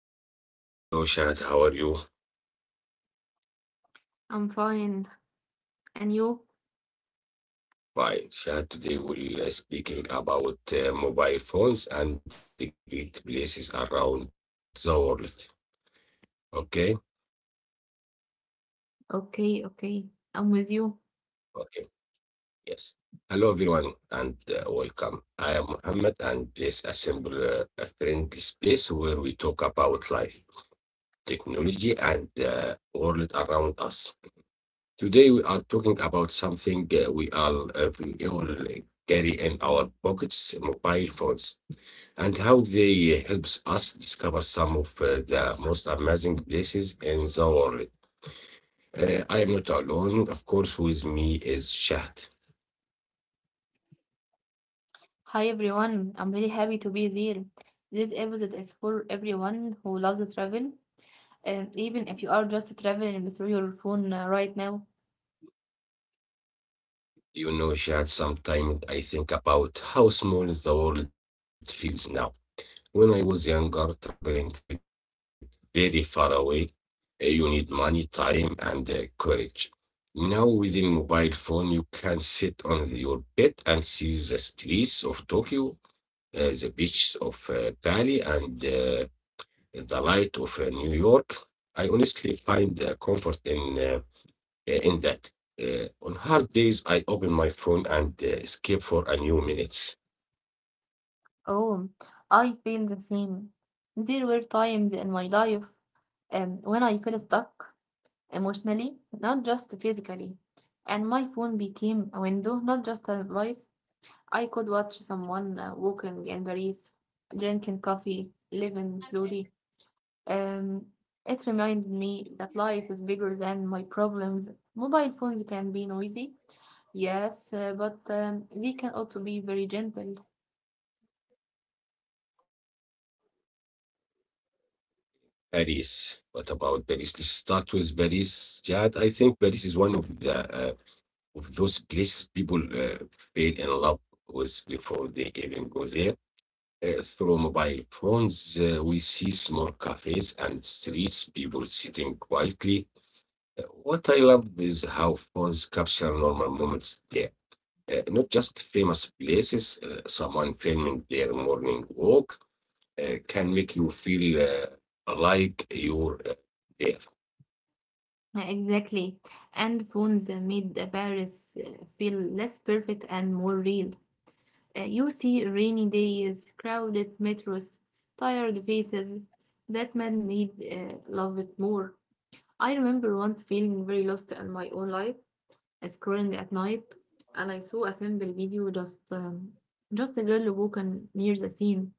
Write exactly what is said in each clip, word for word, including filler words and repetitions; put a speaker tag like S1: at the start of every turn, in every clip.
S1: with Shahad. Hello, Shahad. How are you?
S2: I'm fine. And you?
S1: Fine. Shahad, today we'll uh, speaking about uh, mobile phones and the great places around the world. Okay?
S2: Okay, okay. I'm with you.
S1: Okay. Yes. Hello, everyone, and uh, welcome. I am Muhammad, and this is uh, a friendly space where we talk about life, technology, and the world around us. Today we are talking about something uh, we all uh, we all uh, carry in our pockets, mobile phones, and how they helps us discover some of uh, the most amazing places in the world. Uh, I am not alone, of course. With me is Shahd.
S2: Hi everyone. I'm really happy to be there. This episode is for everyone who loves to travel, and even if you are just traveling through your phone uh, right now.
S1: You know, Shahd. Sometimes I think about how small the world feels now. When I was younger, traveling felt very far away. Uh, You need money, time, and uh, courage. Now, within mobile phone, you can sit on your bed and see the streets of Tokyo, uh, the beaches of uh, Bali, and uh, the light of uh, New York. I honestly find uh, comfort in uh, uh, in that. Uh, on hard days, I open my phone and uh, escape for a new minutes.
S2: Oh, I feel the same. There were times in my life um, when I felt stuck emotionally, not just physically, and my phone became a window, not just a device. I could watch someone uh, walking in Paris, drinking coffee, living slowly. Um, it reminded me that life is bigger than my problems. Mobile phones can be noisy, yes, uh, but um, they can also be very gentle.
S1: Paris. What about Paris? Let's start with Paris. Yeah, I think Paris is one of the uh, of those places people uh, fell in love with before they even go there. Uh, through mobile phones, uh, we see small cafes and streets, people sitting quietly. Uh, What I love is how phones capture normal moments there. Uh, not just famous places, uh, someone filming their morning walk, uh, can make you feel uh, like you're uh, there.
S2: Uh, Exactly. And phones uh, made uh, Paris uh, feel less perfect and more real. Uh, you see rainy days, crowded metros, tired faces. That man made uh, love it more. I remember once feeling very lost in my own life, scrolling at night, and I saw a simple video just um, just a girl walking near the scene.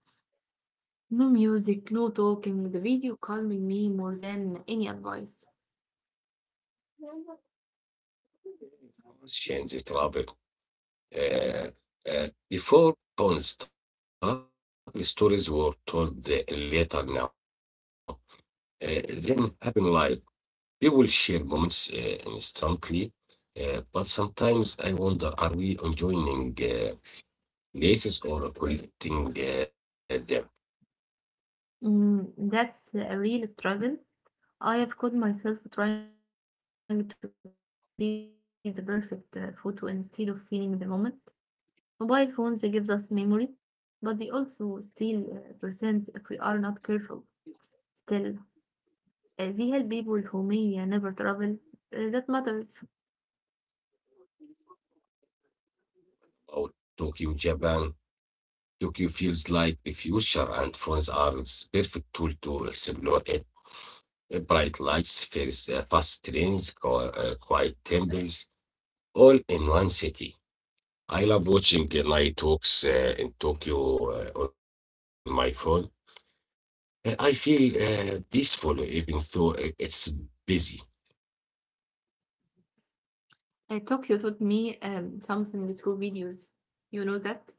S2: No music, no talking. The video calming me more than any advice.
S1: Change travel. Uh, uh, Before phones travel stories were told uh, later now. Uh, then happen live. People share moments uh, instantly, uh, but sometimes I wonder, are we enjoying uh, places or collecting uh, them?
S2: Mm, that's a real struggle. I have caught myself trying to take the perfect uh, photo instead of feeling the moment. Mobile phones gives us memory, but they also steal uh, presence if we are not careful. Still, Uh, they help people who may uh, never travel. Uh, that matters.
S1: About Tokyo, Japan, Tokyo feels like the future, and phones are the perfect tool to explore it. uh, bright lights, fast, uh, fast trains, qu- uh, quiet temples, all in one city. I love watching uh, night walks uh, in Tokyo uh, on my phone. Uh, I feel uh, peaceful even though uh, it's busy.
S2: Uh, Tokyo taught me um, something through videos. You know that?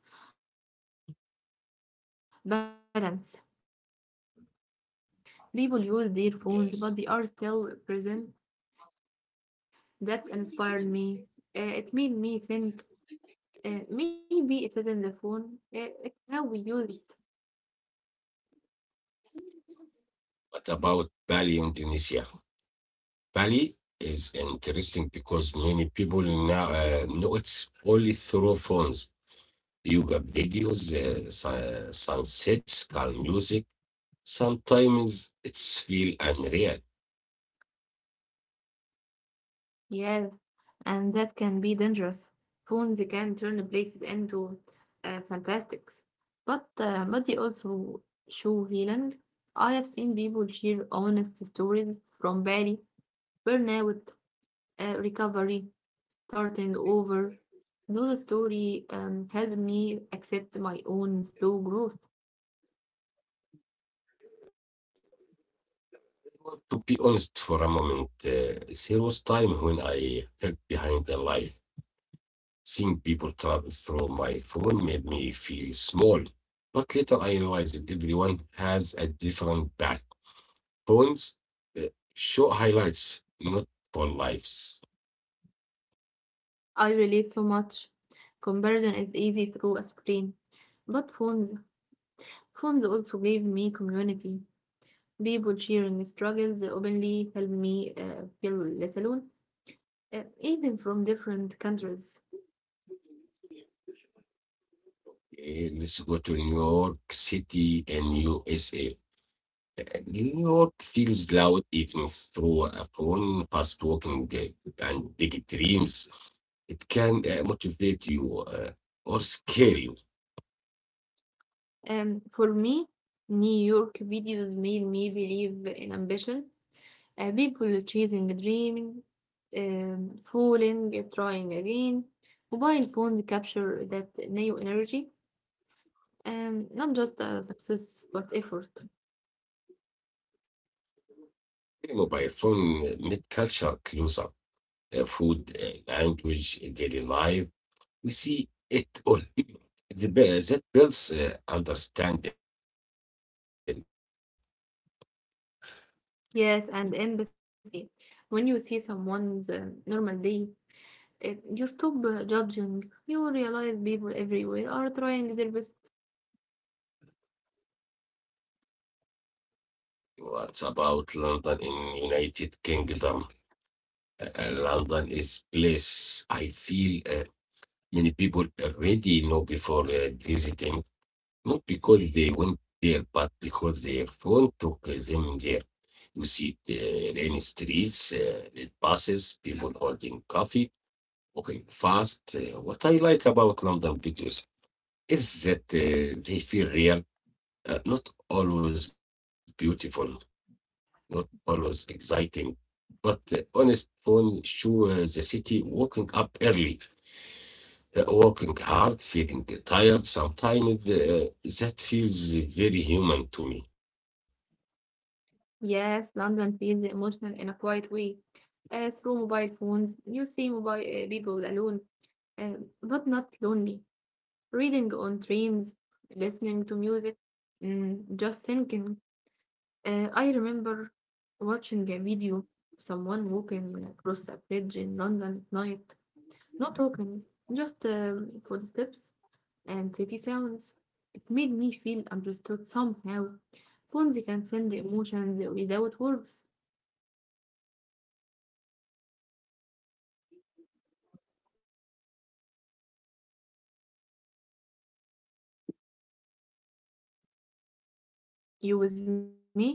S2: Balance. You see technology everywhere, but also respect and calm. People use their
S1: Yes.
S2: phones, but they are still present. That inspired me. Uh, it made me think uh, maybe it isn't the phone, uh, it's how we use it.
S1: What about Bali, Indonesia? Bali is interesting because many people now uh, know it's only through phones, yoga videos, uh, sun- sunsets, calm music. Sometimes it's feel unreal.
S2: Yes. And that can be dangerous. Phones can turn places into uh, fantastics. But uh, but they also show healing. I have seen people share honest stories from Bali, burnout, uh, recovery, starting over. Those stories um, helped me accept my own slow growth.
S1: To be honest for a moment, uh, there was time when I felt behind the life. Seeing people travel through my phone made me feel small. But later I realized everyone has a different path. Phones uh, show highlights, not for lives.
S2: I relate so much. Comparison is easy through a screen, but phones phones also gave me community. People sharing struggles openly help me uh, feel less alone, uh, even from different countries.
S1: Okay, let's go to New York City and U S A. Uh, New York feels loud even through a phone, fast walking, uh, and big dreams. It can uh, motivate you uh, or scare you.
S2: Um, for me, New York videos made me believe in ambition. Uh, people chasing a um, falling, uh, trying again. Mobile phones capture that new energy, um, not just uh, success, but effort.
S1: You know, phone, uh, meet culture closer, uh, food, uh, language, uh, daily life. We see it all. The, be- that builds uh, understanding. Yeah.
S2: Yes, and empathy. When you see someone's uh, normal day, if you stop uh, judging, you realize people everywhere are trying their best.
S1: What about London in United Kingdom? Uh, uh, London is place I feel uh, many people already know before uh, visiting, not because they went there, but because their phone took them there. We see the rainy streets, uh, red buses, people holding coffee, walking fast. Uh, what I like about London videos is that uh, they feel real, uh, not always beautiful, not always exciting, but uh, honest phone show uh, the city waking up early, uh, working hard, feeling tired sometimes, uh, that feels very human to me.
S2: Yes, London feels emotional in a quiet way. Uh, through mobile phones, you see mobile uh, people alone, uh, but not lonely. Reading on trains, listening to music, mm, just thinking. Uh, I remember watching a video of someone walking across a bridge in London at night, not talking, just um, footsteps and city sounds. It made me feel understood somehow. Phones can send emotions without words.
S1: What was uh, a place was only a location. Now it's uh, a feeling. We don't just say uh,
S2: You with
S1: Paris or
S2: me?
S1: Tokyo.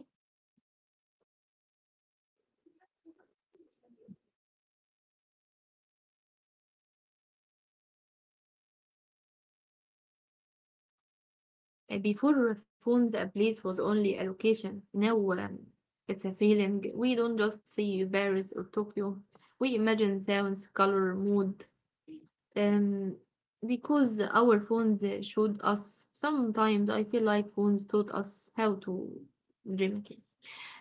S1: We uh, imagine sounds, colors, moods, because our phones shows us sometimes. I feel like phones taught us how to uh, dream again.
S2: Uh, Before phones, a place was only a location. Now um, it's a feeling. We don't just see Paris or Tokyo. We imagine sounds, color, mood. Um, because our phones uh, showed us. Sometimes I feel like phones taught us how to dream.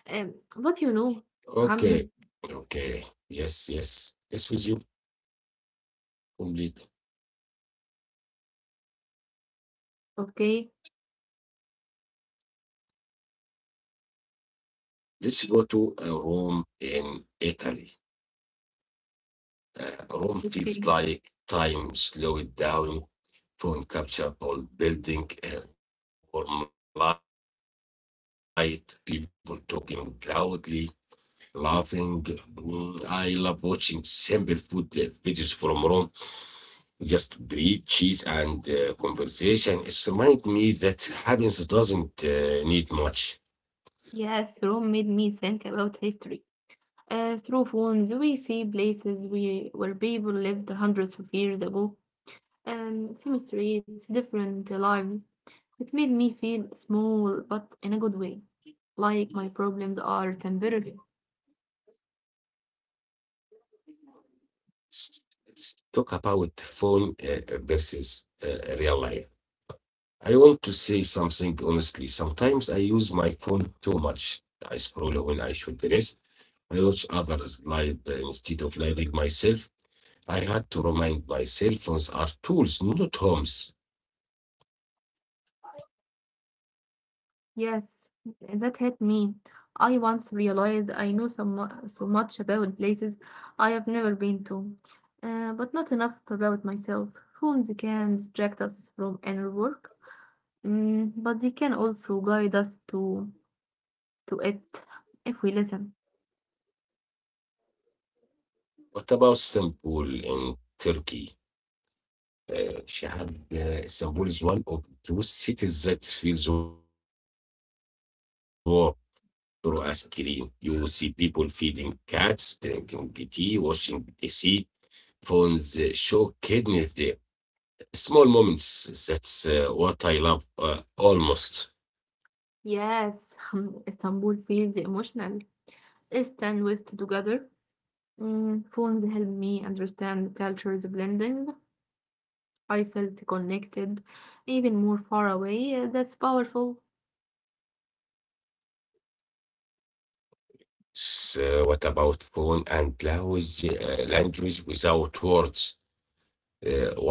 S2: Um, but you know, Mohammed,
S1: Okay, okay, yes, yes, yes, with you, complete.
S2: okay.
S1: Let's go to uh, Rome in Italy. Uh, Rome feels
S2: Okay.
S1: like time slowed down, phone capture all building, uh, warm light, people talking loudly. Laughing, mm, I love watching simple food uh, videos from Rome. Just bread, cheese, and uh, conversation. It reminds me that happiness doesn't uh, need much.
S2: Yes, Rome made me think about history. Uh, through phones, we see places we, where people lived hundreds of years ago. Um, same streets, different lives. It made me feel small, but in a good way. Like my problems are temporary.
S1: Let's talk about phone uh, versus uh, real life. I want to say something honestly. Sometimes I use my phone too much. I scroll when I should rest. I watch others live uh, instead of living myself. I had to remind myself phones are tools, not homes.
S2: Yes, that hit me. I once realized I knew so, mu- so much about places I have never been to, uh, but not enough about myself. Phones can distract us from inner work, mm, but they can also guide us to to it if we listen.
S1: What about Istanbul in Turkey? Uh, Shahab, uh, Istanbul is one of those cities that feels warm through a screen. You see people feeding cats, drinking tea, watching the sea. Phones uh, show kidney. Small moments. That's uh, what I love uh, almost.
S2: Yes, Istanbul feels emotional. East and West together. Mm, phones help me understand cultures blending. I felt connected, even more far away. Uh, That's powerful.
S1: So what about phone and language, uh, language without words? Uh, one thing I love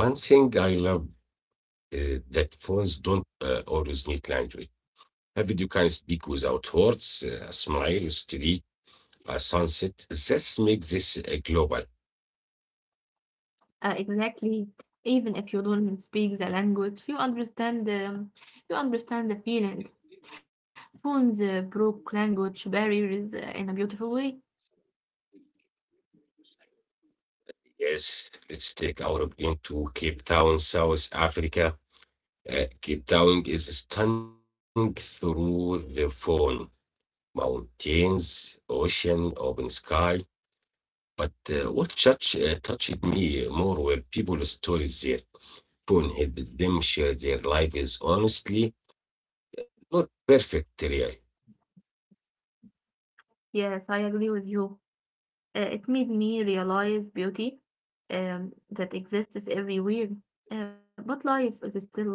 S1: uh, that phones don't uh, always need language. A video can speak without words, uh, a smile, a street, a sunset. Let's make this a global.
S2: Uh, exactly. Even if you don't speak the language, you understand the you understand the feeling. Phones uh, broke language barriers uh, in a beautiful way.
S1: Yes, let's take Europe into Cape Town, South Africa. Uh, Cape Town is stunning through the phone. Mountains, ocean, open sky. But uh, what touch, uh, touched me more were people's stories there. Phone helped them share their lives honestly, not perfect, really.
S2: Yes, I agree with you. Uh, it made me realize beauty um, that exists everywhere. Uh, but life is still life.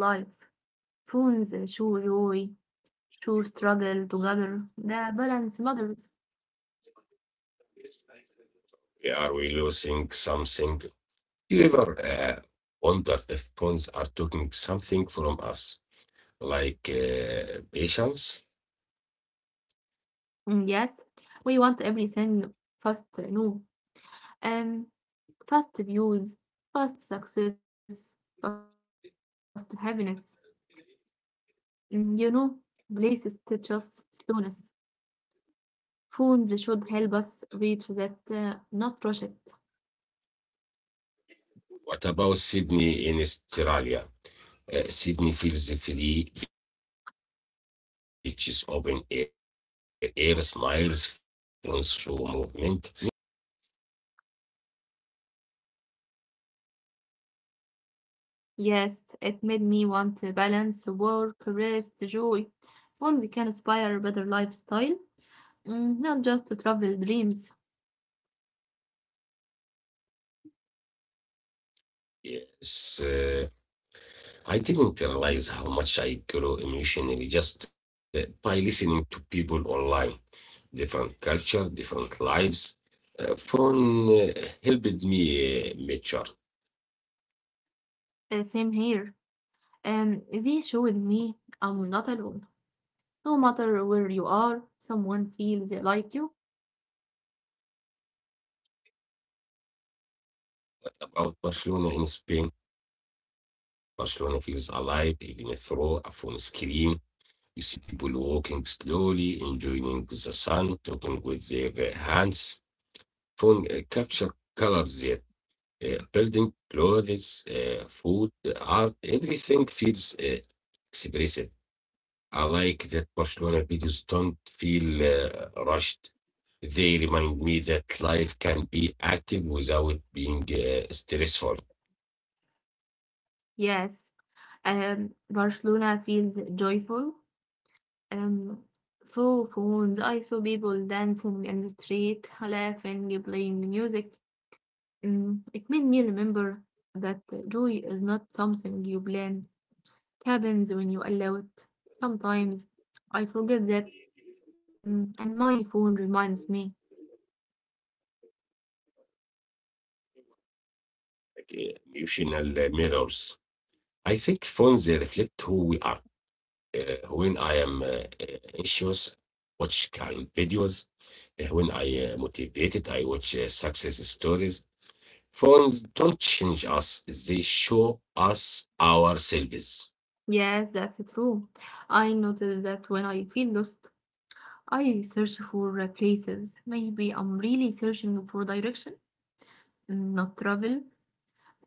S2: Phones uh, show joy, show struggle together. The balance matters.
S1: Are we losing something? Do you ever uh, wonder if phones are taking something from us, like uh, patience?
S2: Mm, yes, we want everything fast, no, um, fast views, fast success, fast happiness. Mm, you know, places teach us slowness. Phones should help us reach that, uh, not rush it.
S1: What about Sydney in Australia? Uh, Sydney feels free, beaches open air, air smiles, phones through movement, not uh, pressure. I like that.
S2: Yes, it made me want to balance work, rest, joy. Phones can inspire better lifestyle, mm, not just to travel dreams.
S1: Yes. uh, I didn't
S2: Mm.
S1: realize how much I grew emotionally just uh, by listening to people online. Different culture, different lives. Uh, phone uh, helped me uh, mature
S2: Uh, same here. Um, they showed me I'm not alone. No matter where you are, someone feels like you.
S1: about Barcelona in Spain. Barcelona feels alive, even through a phone screen. You see people walking slowly, enjoying the sun, talking with their uh, hands. Phone uh, capture colors there. Uh, building, clothes, uh, food, art, everything feels uh, expressive. I like that Barcelona videos don't feel uh, rushed. They remind me that life can be active without being uh, stressful.
S2: Yes, um, Barcelona feels joyful. Um, so phones, I saw people dancing in the street, laughing, playing music. Mm, it made me remember that joy is not something you plan. It happens when you allow it. Sometimes I forget that, mm, and my phone reminds me.
S1: Like, uh, emotional uh, mirrors. I think phones they reflect who we are. Uh, when I am uh, uh, anxious, watch calm videos. Uh, when I uh, motivated, I watch uh, success stories. Phones don't change us; they show us ourselves.
S2: Yes, that's true. I noticed that when I feel lost. I search for uh, places. Maybe I'm really searching for direction, mm, not travel.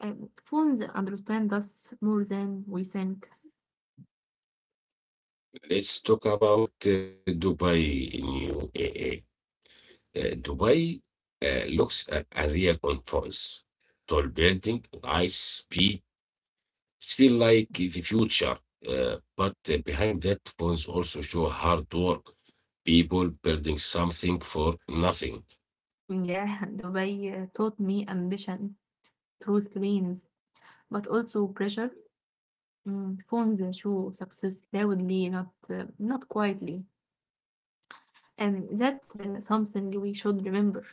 S2: Um, phones understand us more than we think.
S1: Let's talk about uh, Dubai. In you, uh, uh, uh, Dubai uh, looks uh, unreal on phones. Tall building, high speed feel like the future. Uh, but uh, behind that, phones also show hard work, people building something for nothing.
S2: Yeah, Dubai uh, taught me ambition through screens, but also pressure. Mm, phones uh, show success loudly, not uh, not quietly, and that's uh, something we should remember.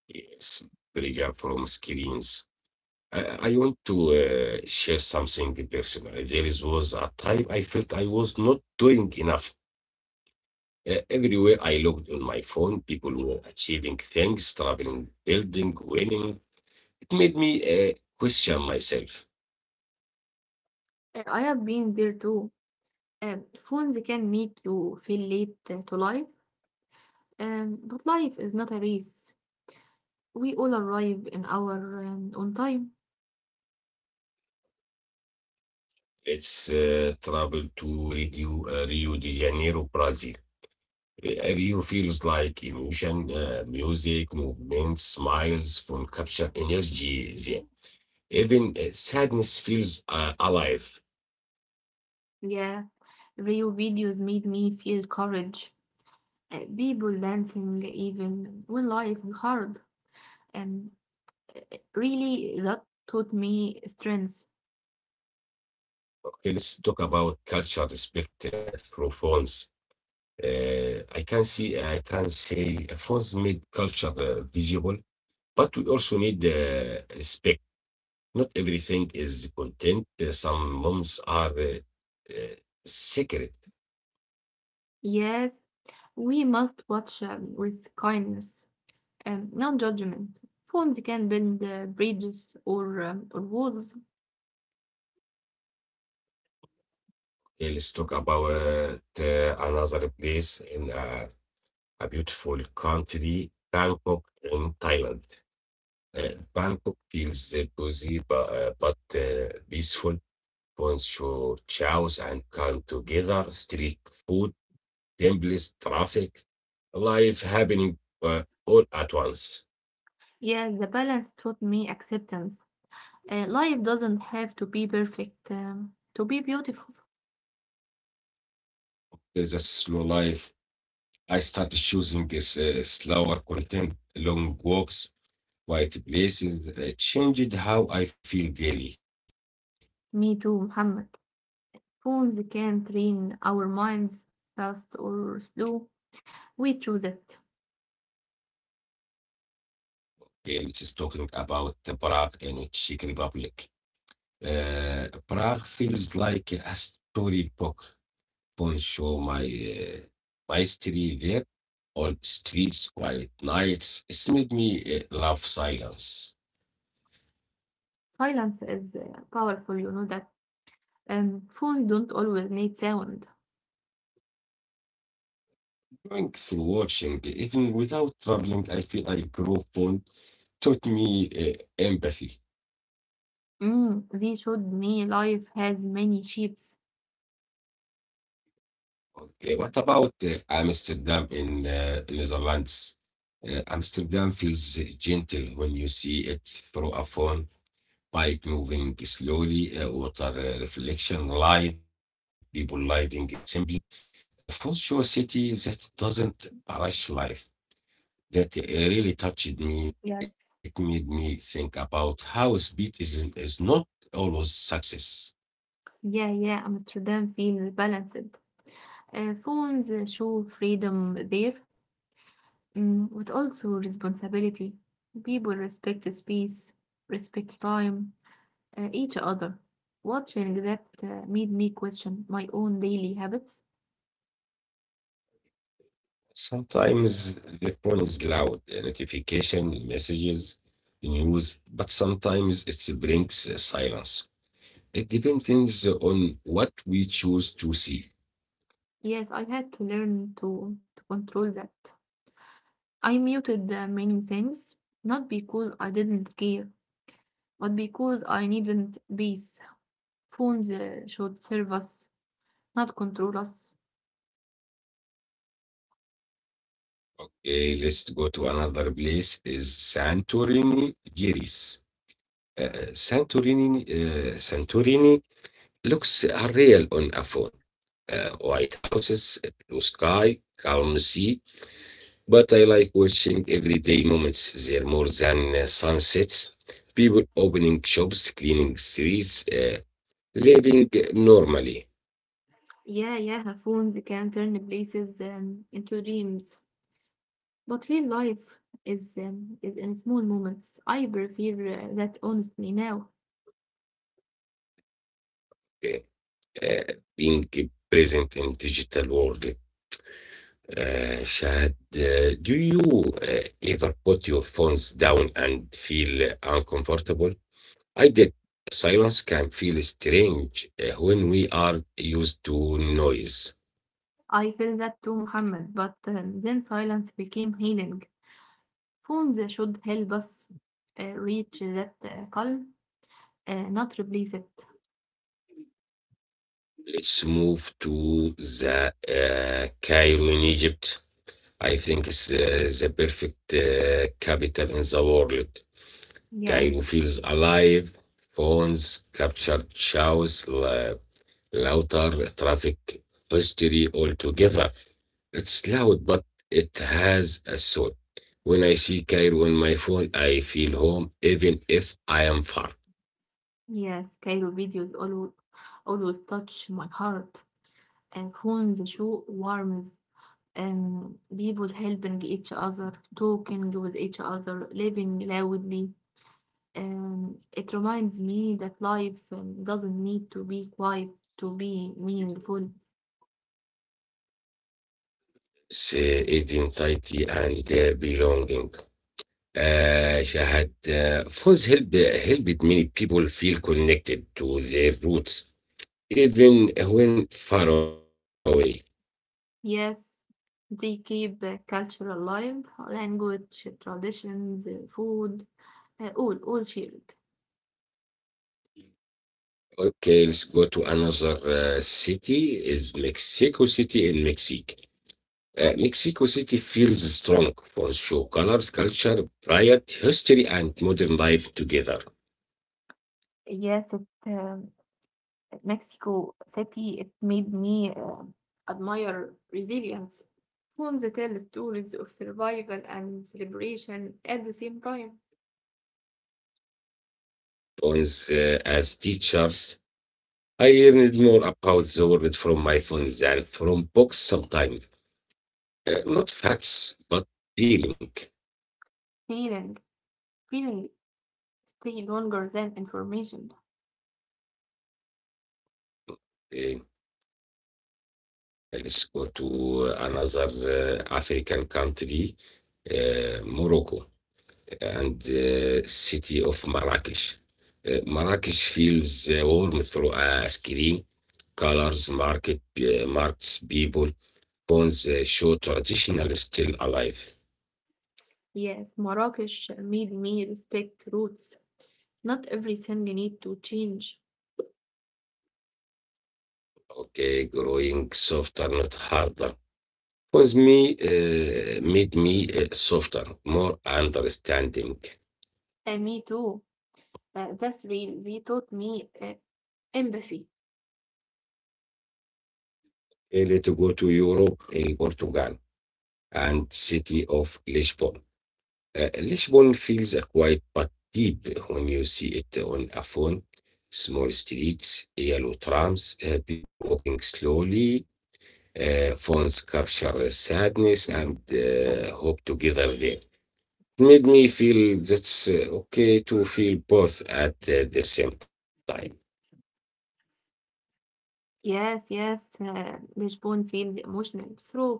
S1: Yes, bigger from screens. I, I want to uh, share something personal. There is, was a time I felt I was not doing enough. Uh, everywhere I looked on my phone, people were achieving things, traveling, building, winning. It made me uh, question myself.
S2: Uh, I have been there too. Um, Phones can make you feel late uh, to life, um, but life is not a race. We all arrive in our um, on time.
S1: It's uh, travel to Rio, uh, Rio de Janeiro, Brazil. Uh, Rio feels like emotion, uh, music, movement, smiles, from capture energy. Yeah. Even uh, sadness feels uh, alive.
S2: Yeah, Rio videos made me feel courage. Uh, people dancing even when life is hard, and uh, really that taught me strength.
S1: Okay, let's talk about culture respect uh, through phones. Uh, I can see, I can say, phones made culture uh, visible. But we also need uh, respect. Not everything is content. Uh, Some moms are uh, uh, secret.
S2: Yes, we must watch um, with kindness and non-judgment. Phones can bend uh, bridges, or, um, or walls.
S1: Uh, Let's talk about uh, another place in a, a beautiful country, Bangkok in Thailand. Uh, Bangkok feels uh, busy but, uh, but uh, peaceful. Bonjour, chows and come together, street food templates, traffic, life happening uh, all at once.
S2: Yeah, the balance taught me acceptance. Uh, life doesn't have to be perfect um, to be beautiful.
S1: There's a slow life. I started choosing this uh, slower content, long walks, quiet places, uh, changed how I feel daily.
S2: Me too, Muhammad. Phones can train our minds fast or slow. We choose it.
S1: Okay, let's just talking about the Prague and Czech Republic. Uh, Prague feels like a storybook. Don't show my uh, my history there. All streets, quiet nights. It's made me uh, love silence.
S2: Silence is uh, powerful, you know that. Um, phones don't always need sound.
S1: Thanks for watching. Even without traveling, I feel I grow fond. Taught me uh, empathy.
S2: Mm, they showed me life has many shapes.
S1: Okay, what about uh, Amsterdam in uh, Netherlands? Uh, Amsterdam feels eh, gentle when you see it through a phone, bike moving slowly, uh, water uh, reflection, light, people living simply. A full show city that doesn't rush life. That uh, really touched me.
S2: Yes.
S1: It made me think about how speed is is not always success.
S2: Yeah, yeah, Amsterdam feels balanced. Uh, phones uh, show freedom there, mm, but also responsibility. People respect the space, respect time, uh, each other. Watching that uh, made me question my own daily habits.
S1: Sometimes the phone is loud, uh, notification, messages, news, but sometimes it brings uh, silence. It depends on what we choose to see.
S2: Yes, I had to learn to, to control that. I muted uh, many things, not because I didn't care, but because I needn't peace. Phones uh, should serve us, not control us.
S1: Uh, let's go to another place is Santorini, Greece. Uh, Santorini, uh, Santorini looks unreal on a phone. Uh, white houses, blue sky, calm sea, but I like watching everyday moments there more than uh, sunsets. People opening shops, cleaning streets, uh, living normally,
S2: Yeah, yeah, phones can turn places um, into dreams. But real life is, um, is in small moments. I prefer uh, that honestly now.
S1: uh, uh, being present in digital world. Uh, Shahad, uh, do you uh, ever put your phones down and feel uncomfortable? I did. Silence can feel strange uh, when we are used to noise.
S2: I feel that too, Muhammad, but uh, then silence became healing. Phones should help us uh, reach that uh, calm, uh, not replace it.
S1: Let's move to the uh, Cairo in Egypt. I think it's uh, the perfect uh, capital in the world.
S2: Yes,
S1: Cairo feels alive, phones, captured shows, la- louder traffic, history all together. It's loud, but it has a soul. When I see Cairo on my phone, I feel home, even if I am far.
S2: yes, Cairo videos always, always touch my heart. Uh, phones show warmth, um, people helping each other, talking with each other, living loudly. Um, it reminds me that life um, doesn't need to be quiet to be meaningful.
S1: It's uh, identity and uh, belonging. Uh, Shahad, uh, phones help, helped many people feel connected to their roots, even when far away.
S2: Yes, they keep uh, culture alive, language, traditions, uh, food, uh, all all shared.
S1: Okay, let's go to another uh, city, is Mexico City in Mexico. Uh, Mexico City feels strong for show colors, culture, pride, history, and modern life together.
S2: Yes, it um, Mexico City. It made me uh, admire resilience. Homes tell stories of survival and celebration at the same time.
S1: Phones uh, as teachers. I learned more about the world from my phones than from books sometimes. Uh, not facts, but feeling.
S2: Feeling, feeling stay longer than information.
S1: Uh, Uh, let's go to eh, another uh, African country, uh, Morocco, and uh, city of Marrakesh. Uh, Marrakesh feels uh, warm through uh, screen, colors, market, uh, marks, people, bones uh, show traditional still alive.
S2: Yes, Marrakesh made me respect roots. Not everything need to change.
S1: Okay, growing softer, not harder. Was me uh, made me uh, softer, more understanding.
S2: And me too. Uh, that's real. They taught me uh, empathy.
S1: Uh, let's go to Europe in Portugal and city of Lisbon. Uh, Lisbon feels uh, quiet but deep when you see it on a phone. Small streets, yellow trams, uh, people walking slowly. Uh, phones capture sadness and uh, hope together there. It made me feel that's uh, okay to feel both at uh, the same time.
S2: Yes, yes, uh, Bishbon feels emotional through phones.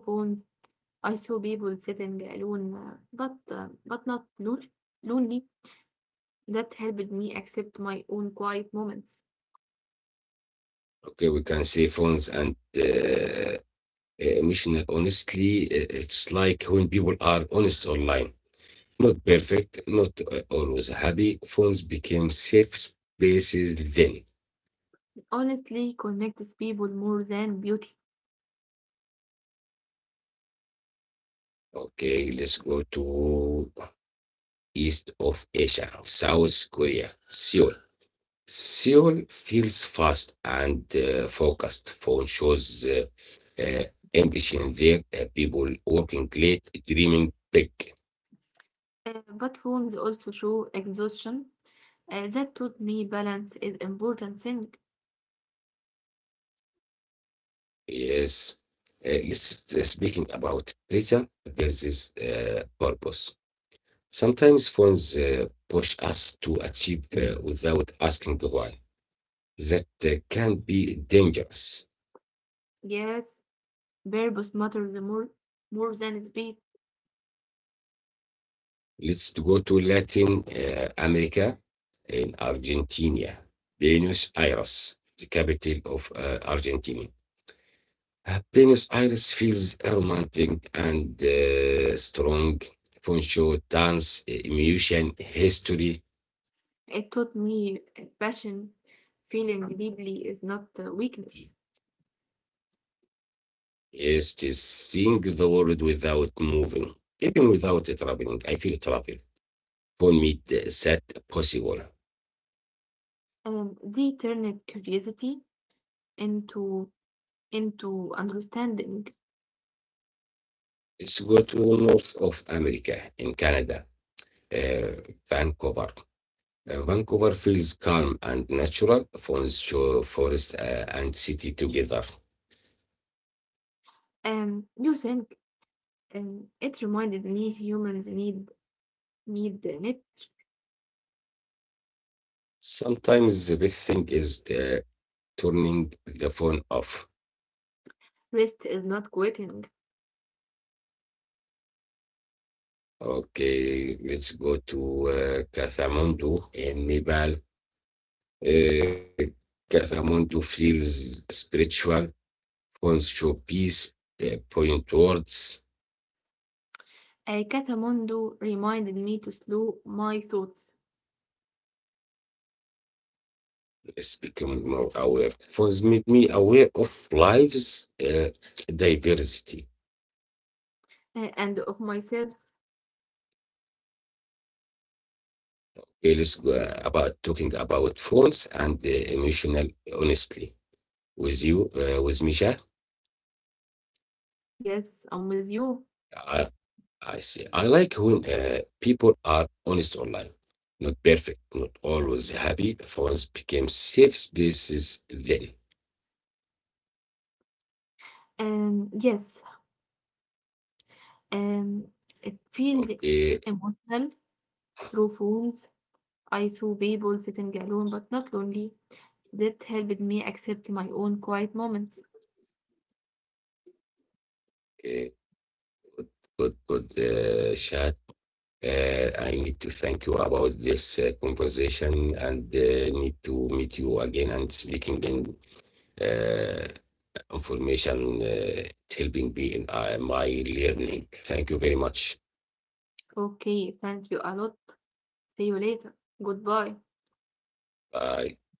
S2: I saw people sitting alone, uh, but uh, but not lon- lonely. That helped me accept my own quiet moments.
S1: Okay, we can say phones and uh, emotional. Honestly, i- it's like when people are honest online, not perfect, not uh, always happy. Phones became safe spaces then.
S2: Honestly connects people more than beauty.
S1: Okay, let's go to east of Asia, South Korea, Seoul. Seoul feels fast and uh, focused. Phone shows uh, uh, ambition there. Uh, people working late, dreaming big.
S2: Uh, but phones also show exhaustion. Uh, that taught me balance is important thing.
S1: Yes. Uh, let's uh, speaking about pressure, there is this uh, purpose. Sometimes phones uh, push us to achieve uh, without asking why. That uh, can be dangerous.
S2: Yes, purpose matters more more than speed.
S1: Let's to go to Latin uh, America in Argentina. Buenos Aires, the capital of uh, Argentina. Uh, Buenos Aires feels romantic and uh, strong. Fun show, dance, uh, emotion, history,
S2: It taught me passion, feeling deeply is not a weakness,
S1: is to seeing the world without moving, even without traveling. I feel travel for me is that possible.
S2: and they turned curiosity into into understanding.
S1: Let's go to north of America in Canada, uh, Vancouver. Uh, Vancouver feels calm and natural, phones show forest uh, and city together.
S2: Um, you think um, it reminded me humans need need it.
S1: Sometimes the best thing is uh, turning the phone off.
S2: Rest is not quitting.
S1: Okay, let's go to uh, Kathmandu in Nepal. Uh, Kathmandu feels spiritual, phones show peace, uh, point towards
S2: Uh, Catamondo reminded me to slow my thoughts
S1: is becoming more aware. Phones make me aware of life's uh, diversity.
S2: uh, and of myself.
S1: Okay, let's go about talking about phones and uh, emotional honestly with you, uh, with Misha.
S2: Yes, I'm with you.
S1: I see. I like when uh, people are honest online. Not perfect, not always happy. Phones became safe spaces then.
S2: And yes, um, it
S1: Okay,
S2: feels emotional through phones. I saw people sitting alone but not lonely. That helped me accept my own quiet moments.
S1: uh, good, good uh, chat. Uh, I need to thank you about this uh, conversation and uh, need to meet you again and speaking in uh, information uh, helping me in uh, my learning. Thank you very much.
S2: Okay, thank you a lot. See you later. Goodbye.
S1: Bye.